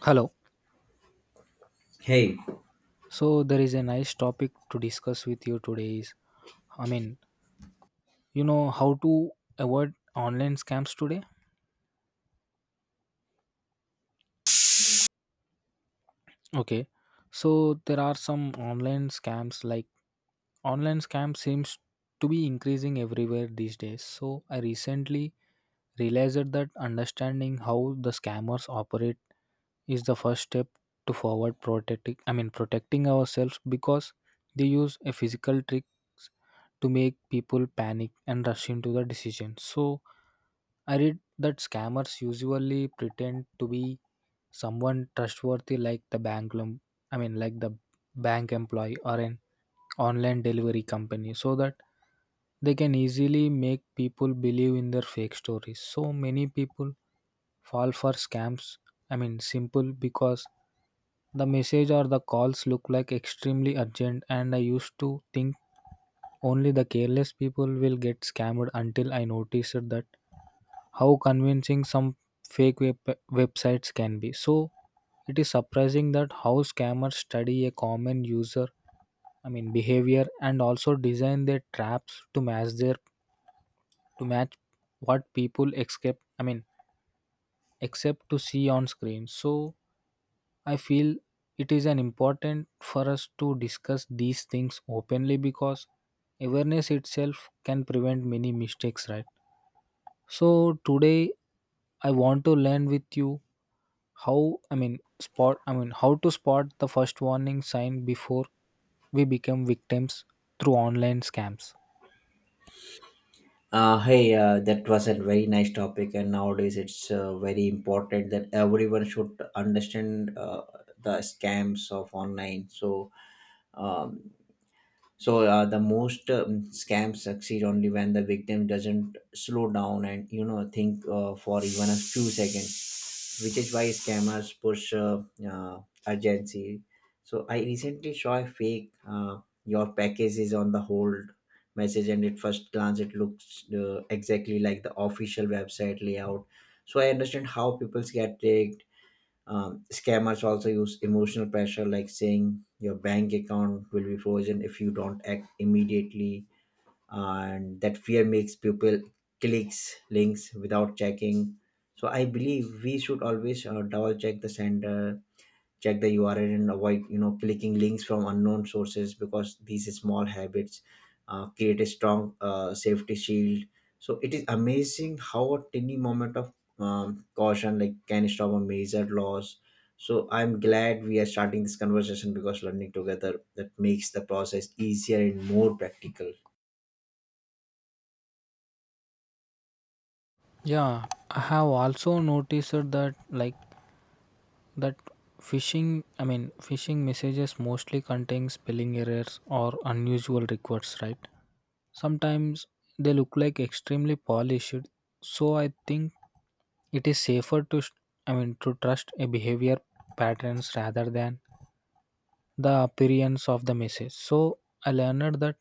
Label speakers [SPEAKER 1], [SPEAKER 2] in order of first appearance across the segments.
[SPEAKER 1] Hello.
[SPEAKER 2] Hey,
[SPEAKER 1] So there is a nice topic to discuss with you today is I mean, you know how to avoid online scams today? Okay. So there are some online scams like online scams seems to be increasing everywhere these days. So I recently realized that understanding how the scammers operate is the first step to forward protecting protecting ourselves because they use a physical tricks to make people panic and rush into the decision. So I read that scammers usually pretend to be someone trustworthy like the bank lem- I mean like the bank employee or an online delivery company so that they can easily make people believe in their fake stories. So many people fall for scams. Simple because the message or the calls look like extremely urgent, and I used to think only the careless people will get scammed until I noticed that how convincing some websites can be. So it is surprising that how scammers study a common user behavior and also design their traps to match their to match what people expect I mean except to see on screen. So I feel it is an important for us to discuss these things openly because awareness itself can prevent many mistakes, right? So today I want to learn with you how I mean spot I mean how to spot the first warning sign before we become victims through online scams.
[SPEAKER 2] that was a very nice topic, and nowadays it's very important that everyone should understand the scams of online. Um, so the most scams succeed only when the victim doesn't slow down and think for even a few seconds, which is why scammers push uh, urgency. So I recently saw a fake "your package is on the hold" message, and at first glance it looks exactly like the official website layout. So I understand how people get tricked. Scammers also use emotional pressure, like saying your bank account will be frozen if you don't act immediately, and that fear makes people clicks links without checking. So I believe we should always double check the sender, check the url, and avoid clicking links from unknown sources, because these small habits create a strong safety shield. So it is amazing how a tiny moment of caution like can stop a major loss. So I'm glad we are starting this conversation, because learning together that makes the process easier and more practical.
[SPEAKER 1] Yeah, I have also noticed that that phishing I mean phishing messages mostly contain spelling errors or unusual requests, right? Sometimes they look like extremely polished, so I think it is safer to to trust a behavior patterns rather than the appearance of the message. So I learned that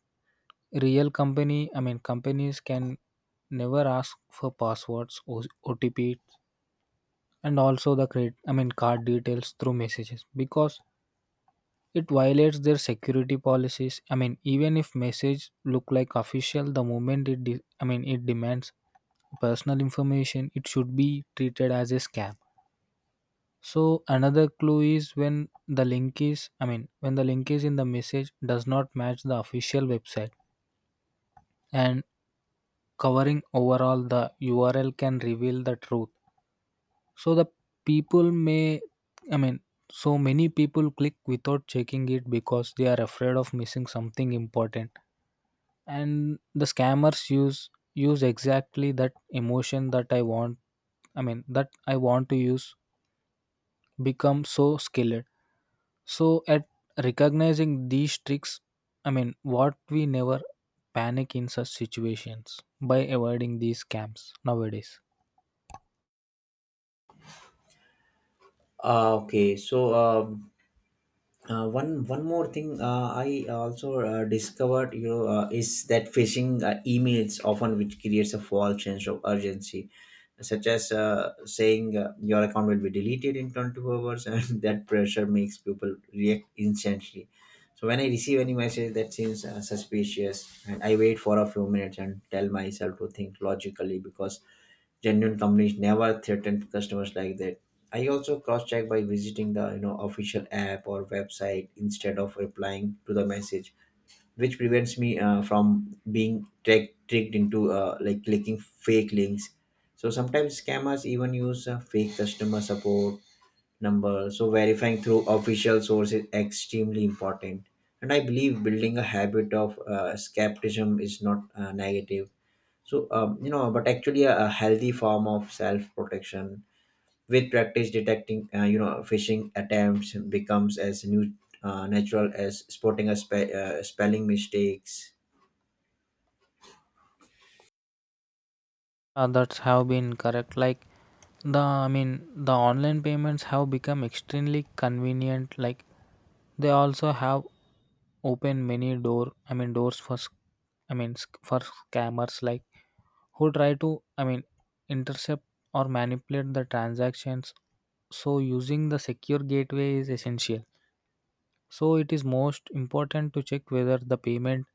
[SPEAKER 1] real company I mean companies can never ask for passwords, O OTP, and also the credit card details through messages because it violates their security policies. I mean, even if message look like official, the moment it it demands personal information, it should be treated as a scam. So another clue is when the link is in the message does not match the official website, and covering overall the URL can reveal the truth. So the people may I mean so many people click without checking it because they are afraid of missing something important, and the scammers use exactly that emotion that I want I mean that I want to use, become so skilled so at recognizing these tricks. What we never panic in such situations by avoiding these scams nowadays.
[SPEAKER 2] Okay, so one more thing I also discovered, is that phishing emails often which creates a false sense of urgency, such as saying your account will be deleted in 24 hours, and that pressure makes people react instantly. So when I receive any message that seems suspicious, and I wait for a few minutes and tell myself to think logically, because genuine companies never threaten customers like that. I also cross-check by visiting the official app or website instead of replying to the message, which prevents me from being tricked into like clicking fake links. So sometimes scammers even use fake customer support number. So verifying through official source is extremely important. And I believe building a habit of skepticism is not negative, but actually a healthy form of self-protection. With practice, detecting phishing attempts becomes as new, natural as spotting spelling mistakes.
[SPEAKER 1] Others have been correct. Like the I mean the online payments have become extremely convenient. Like they also have opened many doors for scammers like who try to, intercept or manipulate the transactions. So using the secure gateway is essential. So it is most important to check whether the payment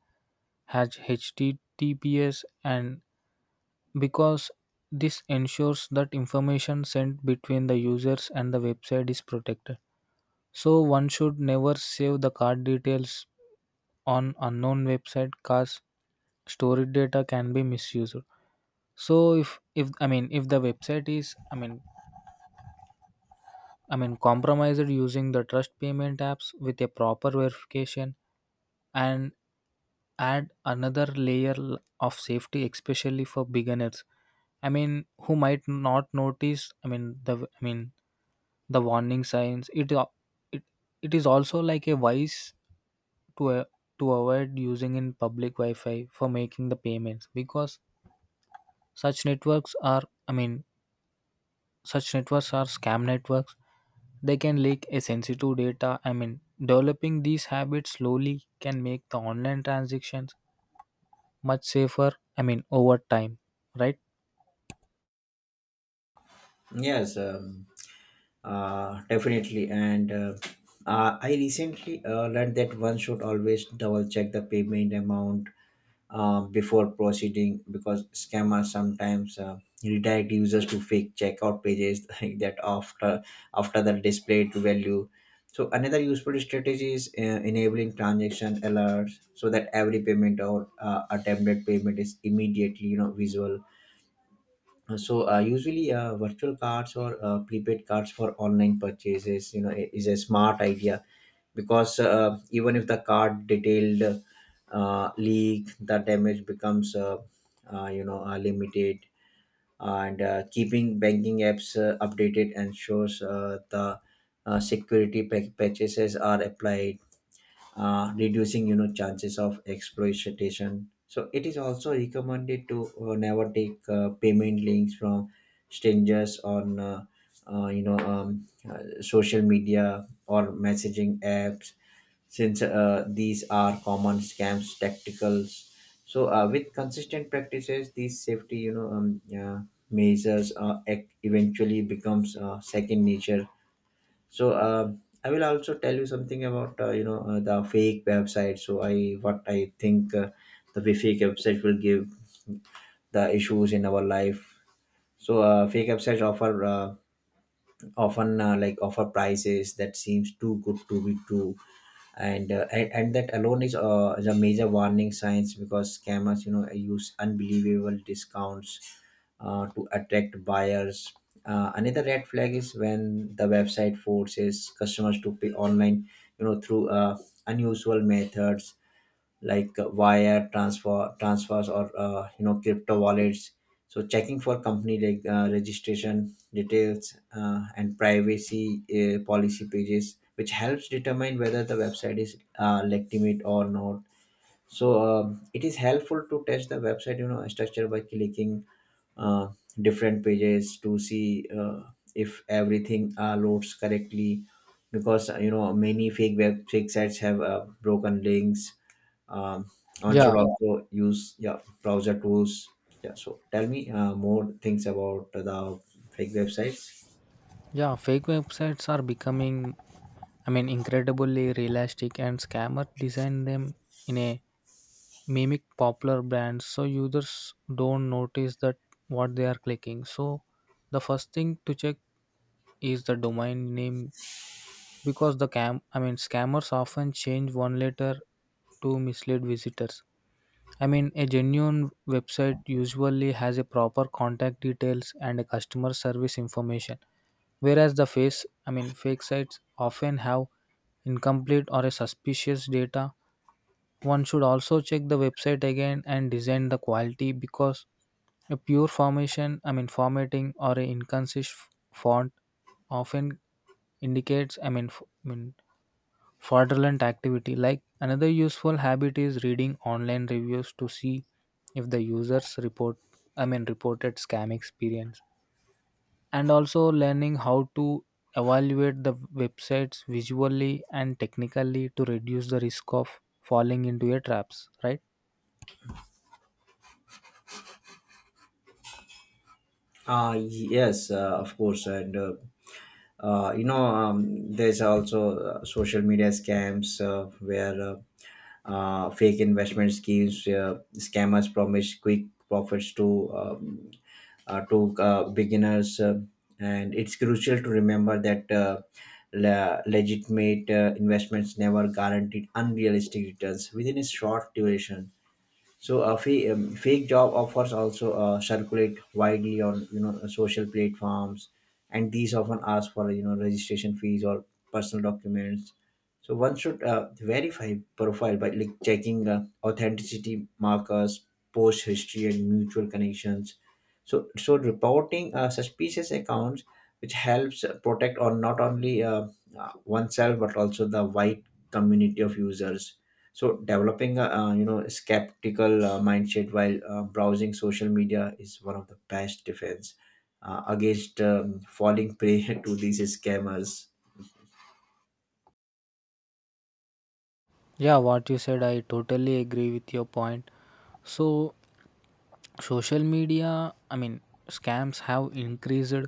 [SPEAKER 1] has HTTPS, and because this ensures that information sent between the users and the website is protected. So one should never save the card details on unknown website, cause storage data can be misused. So if the website is, compromised, using the trust payment apps with a proper verification and add another layer of safety, especially for beginners who might not notice, the warning signs. It, it is also like a wise to a, to avoid using in public wi-fi for making the payments because such networks are, i mean such networks are scam networks, they can leak a sensitive data. I mean, developing these habits slowly can make the online transactions much safer, I mean over time, right?
[SPEAKER 2] Yes, definitely. And I recently learned that one should always double check the payment amount before proceeding, because scammers sometimes redirect users to fake checkout pages like that after after the displayed value. So another useful strategy is enabling transaction alerts, so that every payment or attempted payment is immediately visual. So usually virtual cards or prepaid cards for online purchases is a smart idea, because even if the card detailed leak, the damage becomes limited, and keeping banking apps updated ensures the patches are applied, reducing chances of exploitation. So it is also recommended to never take payment links from strangers on social media or messaging apps, since these are common scams tacticals. So with consistent practices, these safety yeah, measures eventually becomes second nature. So I will also tell you something about the fake website. So I what I think the fake website will give the issues in our life. So fake websites offer often like offer prices that seems too good to be true, and and that alone is a major warning signs, because scammers use unbelievable discounts to attract buyers. Another red flag is when the website forces customers to pay online through unusual methods, like wire transfers or crypto wallets. So checking for company like registration details and privacy policy pages, which helps determine whether the website is legitimate or not. So um, it is helpful to test the website structure by clicking uh, different pages to see if everything loads correctly, because many fake sites have broken links. um, One
[SPEAKER 1] Yeah,
[SPEAKER 2] should also use yeah browser tools. Yeah, so tell me more things about the fake websites.
[SPEAKER 1] yeah, fake websites are becoming, I mean, incredibly realistic, and scammers design them in a mimic popular brands so users don't notice that what they are clicking. So the first thing to check is the domain name because the cam I mean scammers often change one letter to mislead visitors. I mean, a genuine website usually has a proper contact details and a customer service information, whereas the fake sites often have incomplete or a suspicious data. One should also check the website again and design the quality because a pure formatting or a inconsistent font often indicates, fraudulent activity. Like another useful habit is reading online reviews to see if the users reported scam experience, and also learning how to evaluate the websites visually and technically to reduce the risk of falling into your traps, right?
[SPEAKER 2] Yes, of course, and there's also social media scams, where fake investment schemes. Scammers promise quick profits to beginners, and it's crucial to remember that. Legitimate investments never guaranteed unrealistic returns within a short duration. So a fake, fake job offers also circulate widely on social platforms, and these often ask for registration fees or personal documents. So one should verify profile by like checking authenticity markers, post history, and mutual connections. So reporting suspicious accounts, which helps protect on not only oneself but also the wide community of users. So developing a skeptical mindset while browsing social media is one of the best defense against falling prey to these scammers.
[SPEAKER 1] Yeah, what you said, I totally agree with your point. So social media scams have increased,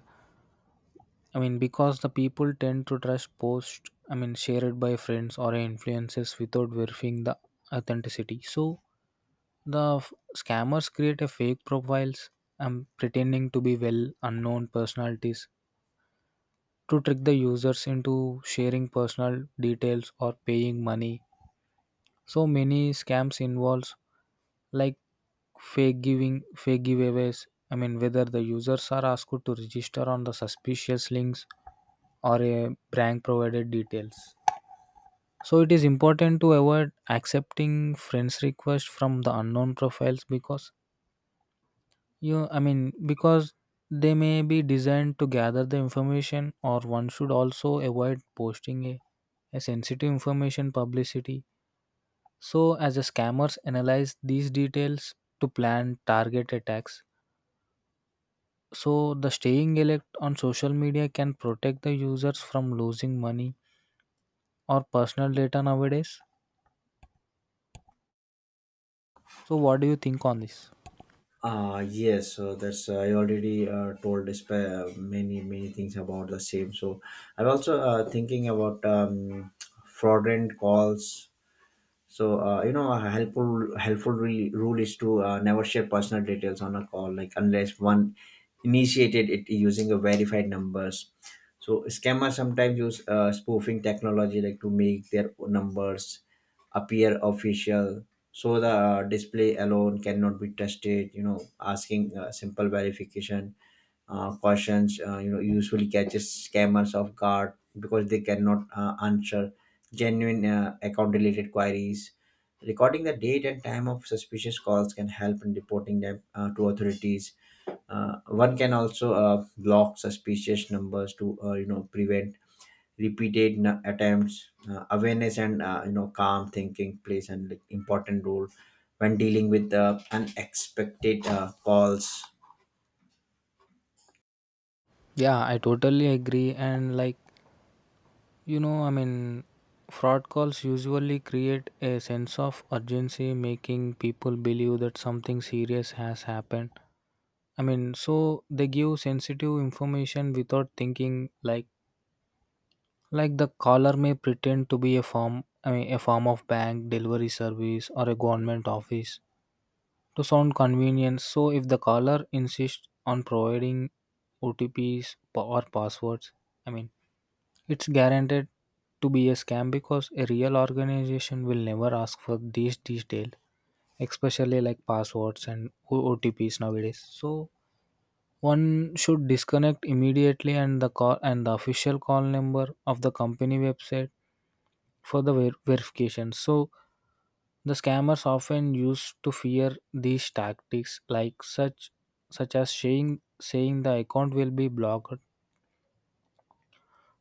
[SPEAKER 1] I mean, because the people tend to trust posts, I mean, shared by friends or influencers without verifying the authenticity. So the scammers create a fake profiles and pretending to be well unknown personalities to trick the users into sharing personal details or paying money. So many scams involves like fake giveaways. I mean, whether the users are asked to register on the suspicious links or a prank provided details. So it is important to avoid accepting friends requests from the unknown profiles because you I mean because they may be designed to gather the information, or one should also avoid posting a sensitive information publicity. So as the scammers analyze these details to plan target attacks. So the staying alert on social media can protect the users from losing money or personal data nowadays. So what do you think on this?
[SPEAKER 2] Ah yes, so that's I already told this, many many things about the same. So I'm also thinking about fraudulent calls. So a rule is to never share personal details on a call, like unless one initiated it using a verified numbers. So scammers sometimes use spoofing technology, like to make their numbers appear official. So the display alone cannot be trusted. You know, asking simple verification questions usually catches scammers off guard, because they cannot answer genuine account related queries. Recording the date and time of suspicious calls can help in reporting them to authorities. One can also block suspicious numbers to prevent repeated attempts. Awareness and calm thinking plays an like, important role when dealing with unexpected calls.
[SPEAKER 1] Yeah, I totally agree. And like, you know, I mean, fraud calls usually create a sense of urgency, making people believe that something serious has happened. I mean, so they give sensitive information without thinking. Like the caller may pretend to be a form, I mean, a form of bank delivery service or a government office to sound convenient. So if the caller insists on providing OTPs or passwords, I mean, it's guaranteed to be a scam because a real organization will never ask for these details, especially like passwords and OTPs nowadays. So one should disconnect immediately and the call and the official call number of the company website for the verification. So the scammers often use to fear these tactics like such such as saying the account will be blocked.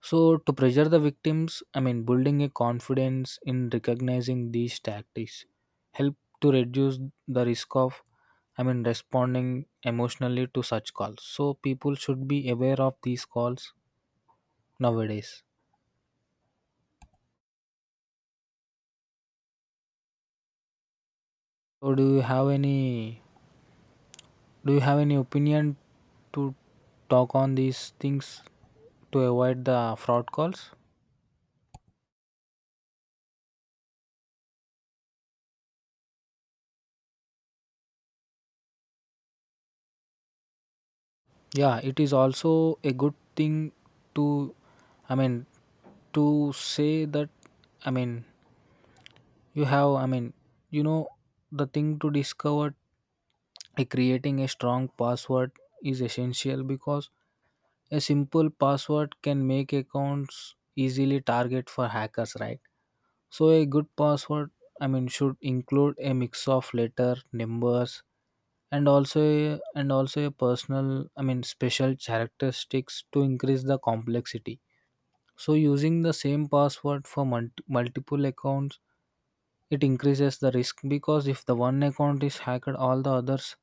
[SPEAKER 1] So to pressure the victims, I mean, building a confidence in recognizing these tactics help to reduce the risk of, I mean, responding emotionally to such calls. So people should be aware of these calls nowadays. So do you have any opinion to talk on these things to avoid the fraud calls? Yeah, it is also a good thing to, I mean, to say that, I mean, you have, you know the thing to discover, creating a strong password is essential because a simple password can make accounts easily target for hackers, right? So a good password, I mean, should include a mix of letter numbers and also a personal, I mean, special characteristics to increase the complexity. So using the same password for multiple accounts, it increases the risk because if the one account is hacked, all the others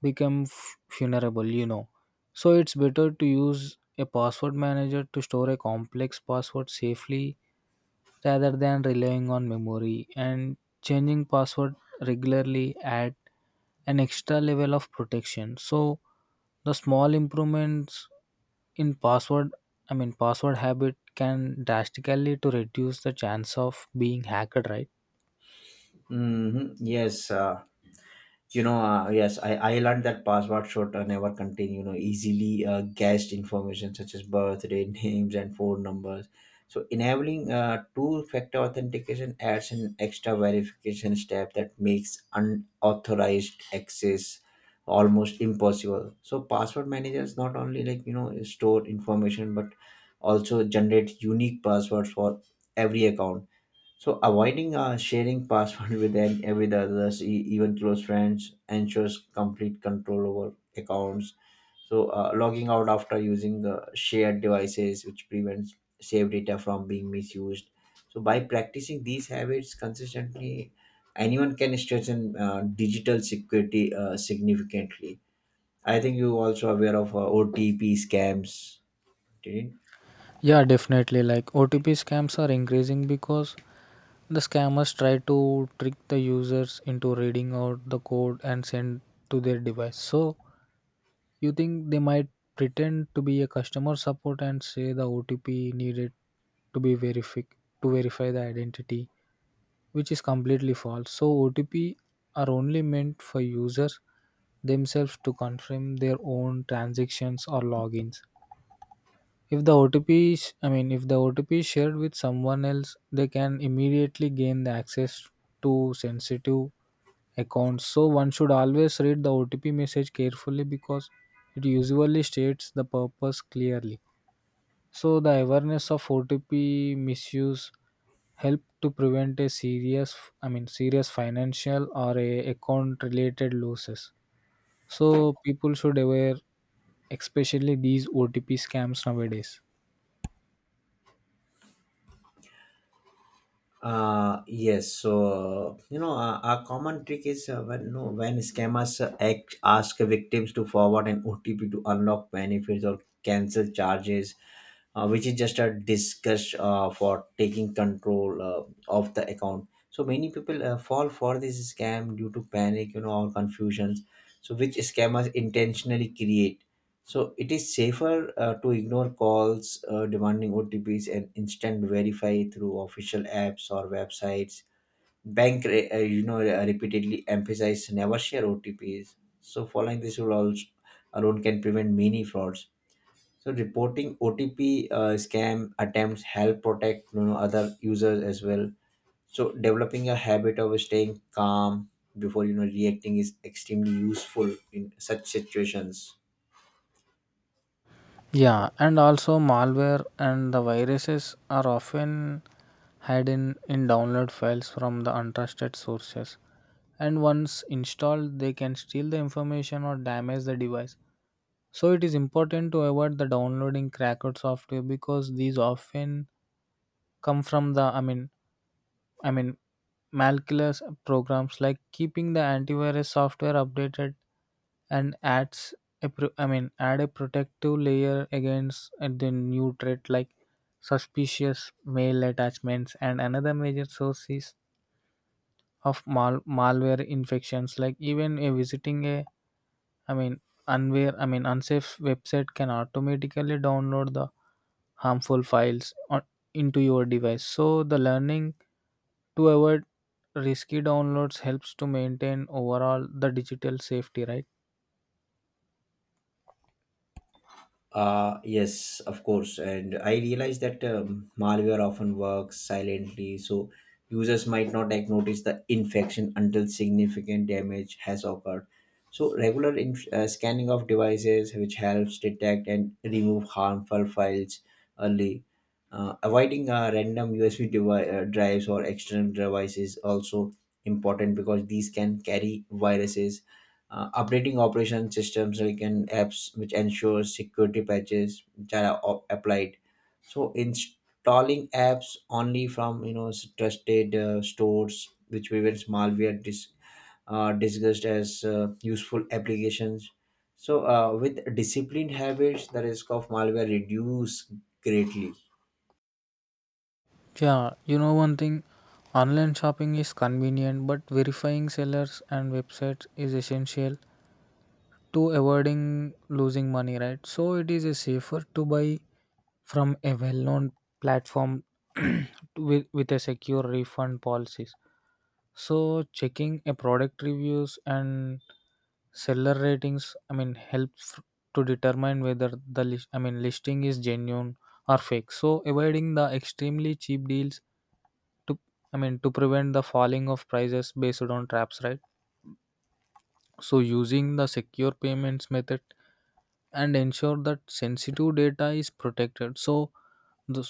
[SPEAKER 1] become vulnerable, you know. So it's better to use a password manager to store a complex password safely rather than relying on memory, and changing password regularly add an extra level of protection. So the small improvements in password, I mean, password habit can drastically to reduce the chance of being hacked, right?
[SPEAKER 2] Hmm, yes, yes I learned that password should never contain easily guessed information, such as birthday names and phone numbers. So enabling two factor authentication adds an extra verification step that makes unauthorized access almost impossible. So password managers not only store information but also generate unique passwords for every account. So avoiding sharing password with any with others, even close friends, ensures complete control over accounts. So logging out after using shared devices, which prevents saved data from being misused. So by practicing these habits consistently, anyone can strengthen digital security significantly. I think you also aware of OTP scams, didn't?
[SPEAKER 1] Yeah, definitely. Like OTP scams are increasing because the scammers try to trick the users into reading out the code and send to their device. So you think they might pretend to be a customer support and say the OTP needed to be verified to verify the identity, which is completely false. So OTP are only meant for users themselves to confirm their own transactions or logins. If the OTP is, I mean, if the OTP is shared with someone else, they can immediately gain the access to sensitive accounts. So one should always read the OTP message carefully because it usually states the purpose clearly. So the awareness of OTP misuse help to prevent a serious, I mean, serious financial or a account related losses. So people should aware, especially these OTP scams nowadays.
[SPEAKER 2] Yes. So a common trick is when no when scammers ask victims to forward an OTP to unlock benefits or cancel charges, which is just a discuss for taking control of the account. So many people fall for this scam due to panic or confusions, so which scammers intentionally create. So it is safer to ignore calls demanding OTPs and instant verify through official apps or websites. Bank re- you know Repeatedly emphasize never share OTPs. So following this rule also alone can prevent many frauds. So reporting OTP scam attempts help protect other users as well. So developing a habit of staying calm before reacting is extremely useful in such situations.
[SPEAKER 1] Yeah, and also malware and the viruses are often hidden in download files from the untrusted sources. And once installed, they can steal the information or damage the device. So it is important to avoid the downloading cracked software because these often come from the I mean, malicious programs like keeping the antivirus software updated and adds a pro- I mean add a protective layer against the new threat like suspicious mail attachments and another major source is of malware infections like even a visiting a I mean unware I mean unsafe website can automatically download the harmful files into your device. So the learning to avoid risky downloads helps to maintain overall the digital safety, right?
[SPEAKER 2] Yes, of course. And I realize that malware often works silently, so users might not like notice the infection until significant damage has occurred. So regular scanning of devices, which helps detect and remove harmful files early. Avoiding random USB drives or external devices also important, because these can carry viruses. Updating operation systems like in apps which ensure security patches which are applied. So installing apps only from trusted stores which prevents malware discussed as useful applications. So with disciplined habits, the risk of malware reduce greatly.
[SPEAKER 1] Yeah, you know, one thing, online shopping is convenient, but verifying sellers and websites is essential to avoiding losing money, right? So it is a safer to buy from a well-known platform with a secure refund policies. So checking a product reviews and seller ratings, I mean, helps to determine whether the list, I mean, listing is genuine or fake. So avoiding the extremely cheap deals to, I mean, to prevent the falling of prices based on traps, right? So using the secure payments method and ensure that sensitive data is protected. The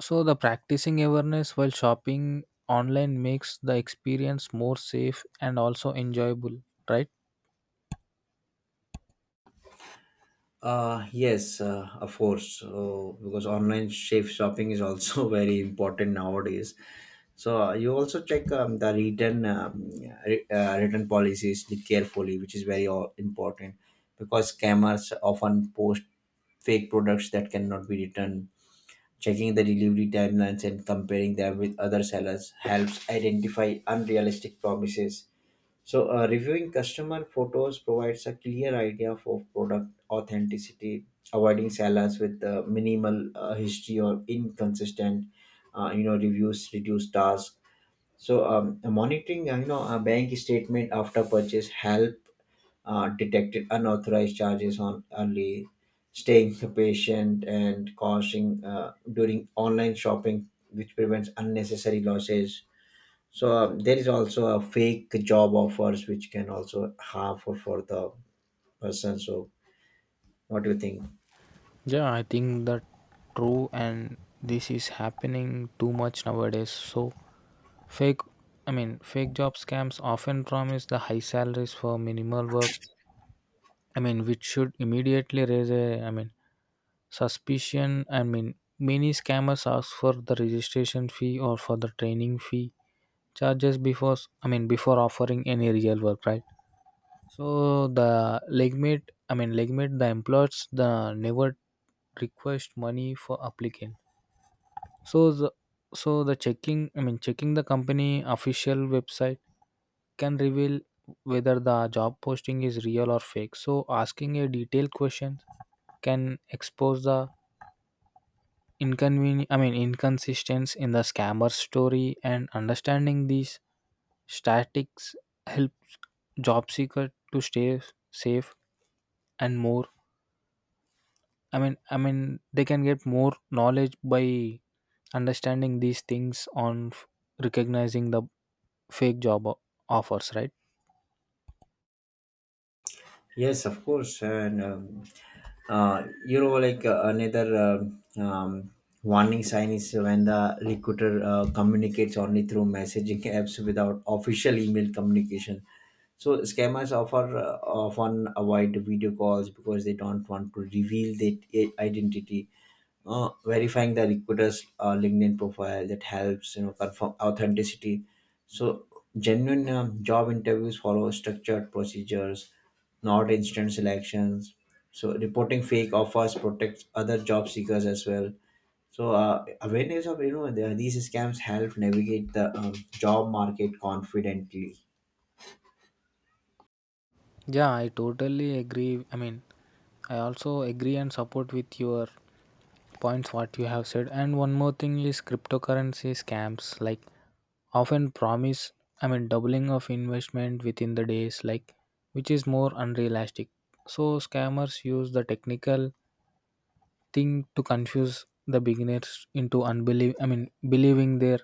[SPEAKER 1] so the practicing awareness while shopping online makes the experience more safe and also enjoyable, right?
[SPEAKER 2] Yes, of course, because online shape shopping is also very important nowadays. So you also check return policies carefully, which is very important, because scammers often post fake products that cannot be returned. Checking the delivery timelines and comparing them with other sellers helps identify unrealistic promises. So, reviewing customer photos provides a clear idea for product authenticity. Avoiding sellers with minimal history or inconsistent, reviews, reduce tasks. So, monitoring, a bank statement after purchase help detect unauthorized charges on early, staying patient and costing during online shopping, which prevents unnecessary losses. So there is also a fake job offers which can also harmful for the person. So what do you think?
[SPEAKER 1] Yeah, I think that true, and this is happening too much nowadays. So fake I mean fake job scams often promise the high salaries for minimal work. I mean, which should immediately raise a I mean suspicion. I mean, many scammers ask for the registration fee or for the training fee charges before I mean before offering any real work, right? So the legmate, I mean legmate, the employers the never request money for applicant. So the so the checking, I mean checking the company official website can reveal whether the job posting is real or fake. So asking a detailed question can expose the inconvenient, I mean inconsistency in the scammer story, and understanding these statistics help job seeker to stay safe and more. I mean I mean they can get more knowledge by understanding these things recognizing the fake job o- offers, right?
[SPEAKER 2] Yes, of course, and like another warning sign is when the recruiter communicates only through messaging apps without official email communication. So scammers offer often avoid video calls, because they don't want to reveal their identity. Verifying the recruiter's LinkedIn profile that helps confirm authenticity. So, genuine job interviews follow structured procedures, not instant selections. So, reporting fake offers protects other job seekers as well. So, awareness of these scams help navigate the job market confidently.
[SPEAKER 1] Yeah, I totally agree. I mean, I also agree and support with your points what you have said. And one more thing is cryptocurrency scams like often promise, doubling of investment within the days, like which is more unrealistic. So scammers use the technical thing to confuse the beginners into unbelieve. I mean, believing their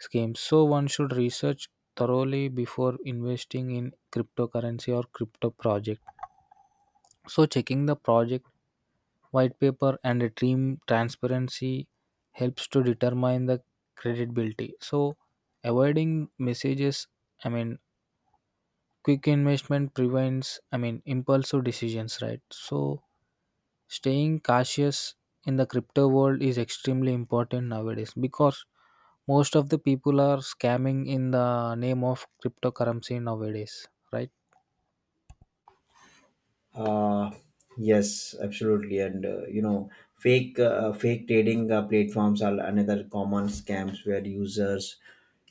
[SPEAKER 1] schemes. So one should research thoroughly before investing in cryptocurrency or crypto project. So checking the project white paper and a team transparency helps to determine the credibility. So avoiding messages, I mean quick investment prevents, impulsive decisions, right? So staying cautious in the crypto world is extremely important nowadays because most of the people are scamming in the name of cryptocurrency nowadays, right?
[SPEAKER 2] Uh, yes, absolutely, and fake trading platforms are another common scams, where users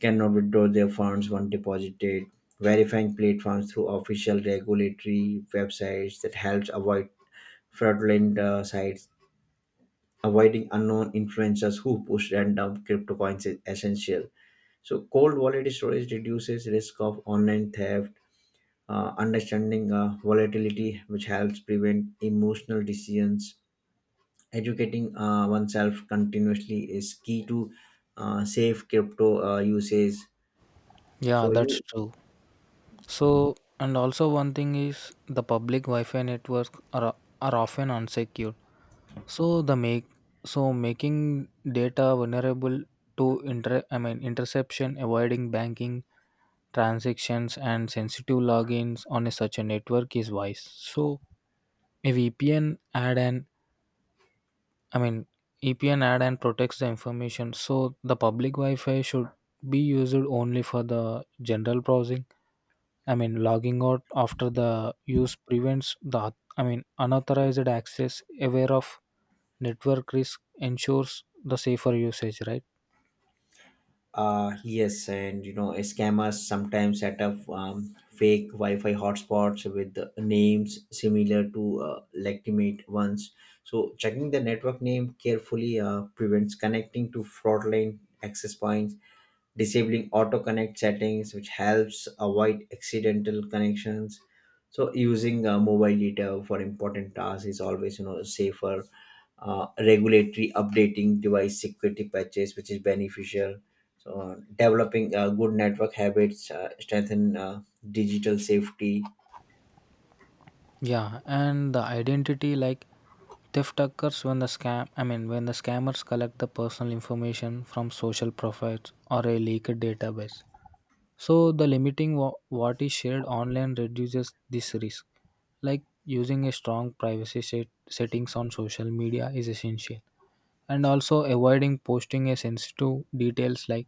[SPEAKER 2] cannot withdraw their funds once deposited. Verifying platforms through official regulatory websites that helps avoid fraudulent sites. Avoiding unknown influencers who push random crypto coins is essential. So cold wallet storage reduces risk of online theft. Understanding volatility, which helps prevent emotional decisions. Educating oneself continuously is key to safe crypto usage.
[SPEAKER 1] Yeah,
[SPEAKER 2] So
[SPEAKER 1] that's
[SPEAKER 2] you
[SPEAKER 1] true. So, and also one thing is the public Wi-Fi network are often unsecured. So the make So making data vulnerable to interception. Avoiding banking transactions and sensitive logins on such a network is wise. So a VPN add an, I mean VPN add and protects the information. So the public Wi-Fi should be used only for the general browsing. I mean, logging out after the use prevents the, unauthorized access. Aware of network risk ensures the safer usage, right?
[SPEAKER 2] Yes, and you know, scammers sometimes set up fake Wi-Fi hotspots with names similar to legitimate ones. So checking the network name carefully prevents connecting to fraudulent access points. Disabling auto connect settings which helps avoid accidental connections. So using mobile data for important tasks is always safer. Regulatory updating device security patches which is beneficial. So developing good network habits strengthen digital safety.
[SPEAKER 1] Yeah, and the identity like theft occurs when the scam I mean when the scammers collect the personal information from social profiles or a leaked database. So the limiting what is shared online reduces this risk. Like using a strong privacy settings on social media is essential. And also avoiding posting a sensitive details like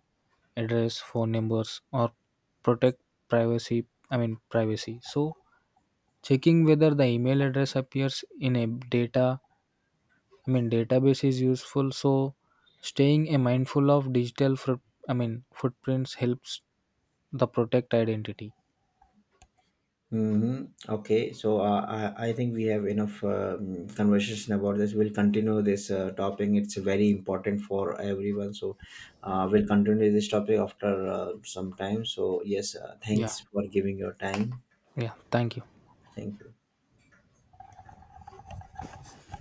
[SPEAKER 1] address, phone numbers, or protect privacy, I mean privacy. So checking whether the email address appears in a data, I mean database is useful. So staying a mindful of digital foot, I mean footprints helps the protect identity.
[SPEAKER 2] Mhm. Okay, so I think we have enough conversation about this. We'll continue this topic. It's very important for everyone. So we'll continue this topic after some time. So yes,
[SPEAKER 1] Yeah.
[SPEAKER 2] thanks for giving your time.
[SPEAKER 1] Yeah, thank you.
[SPEAKER 2] Thank you.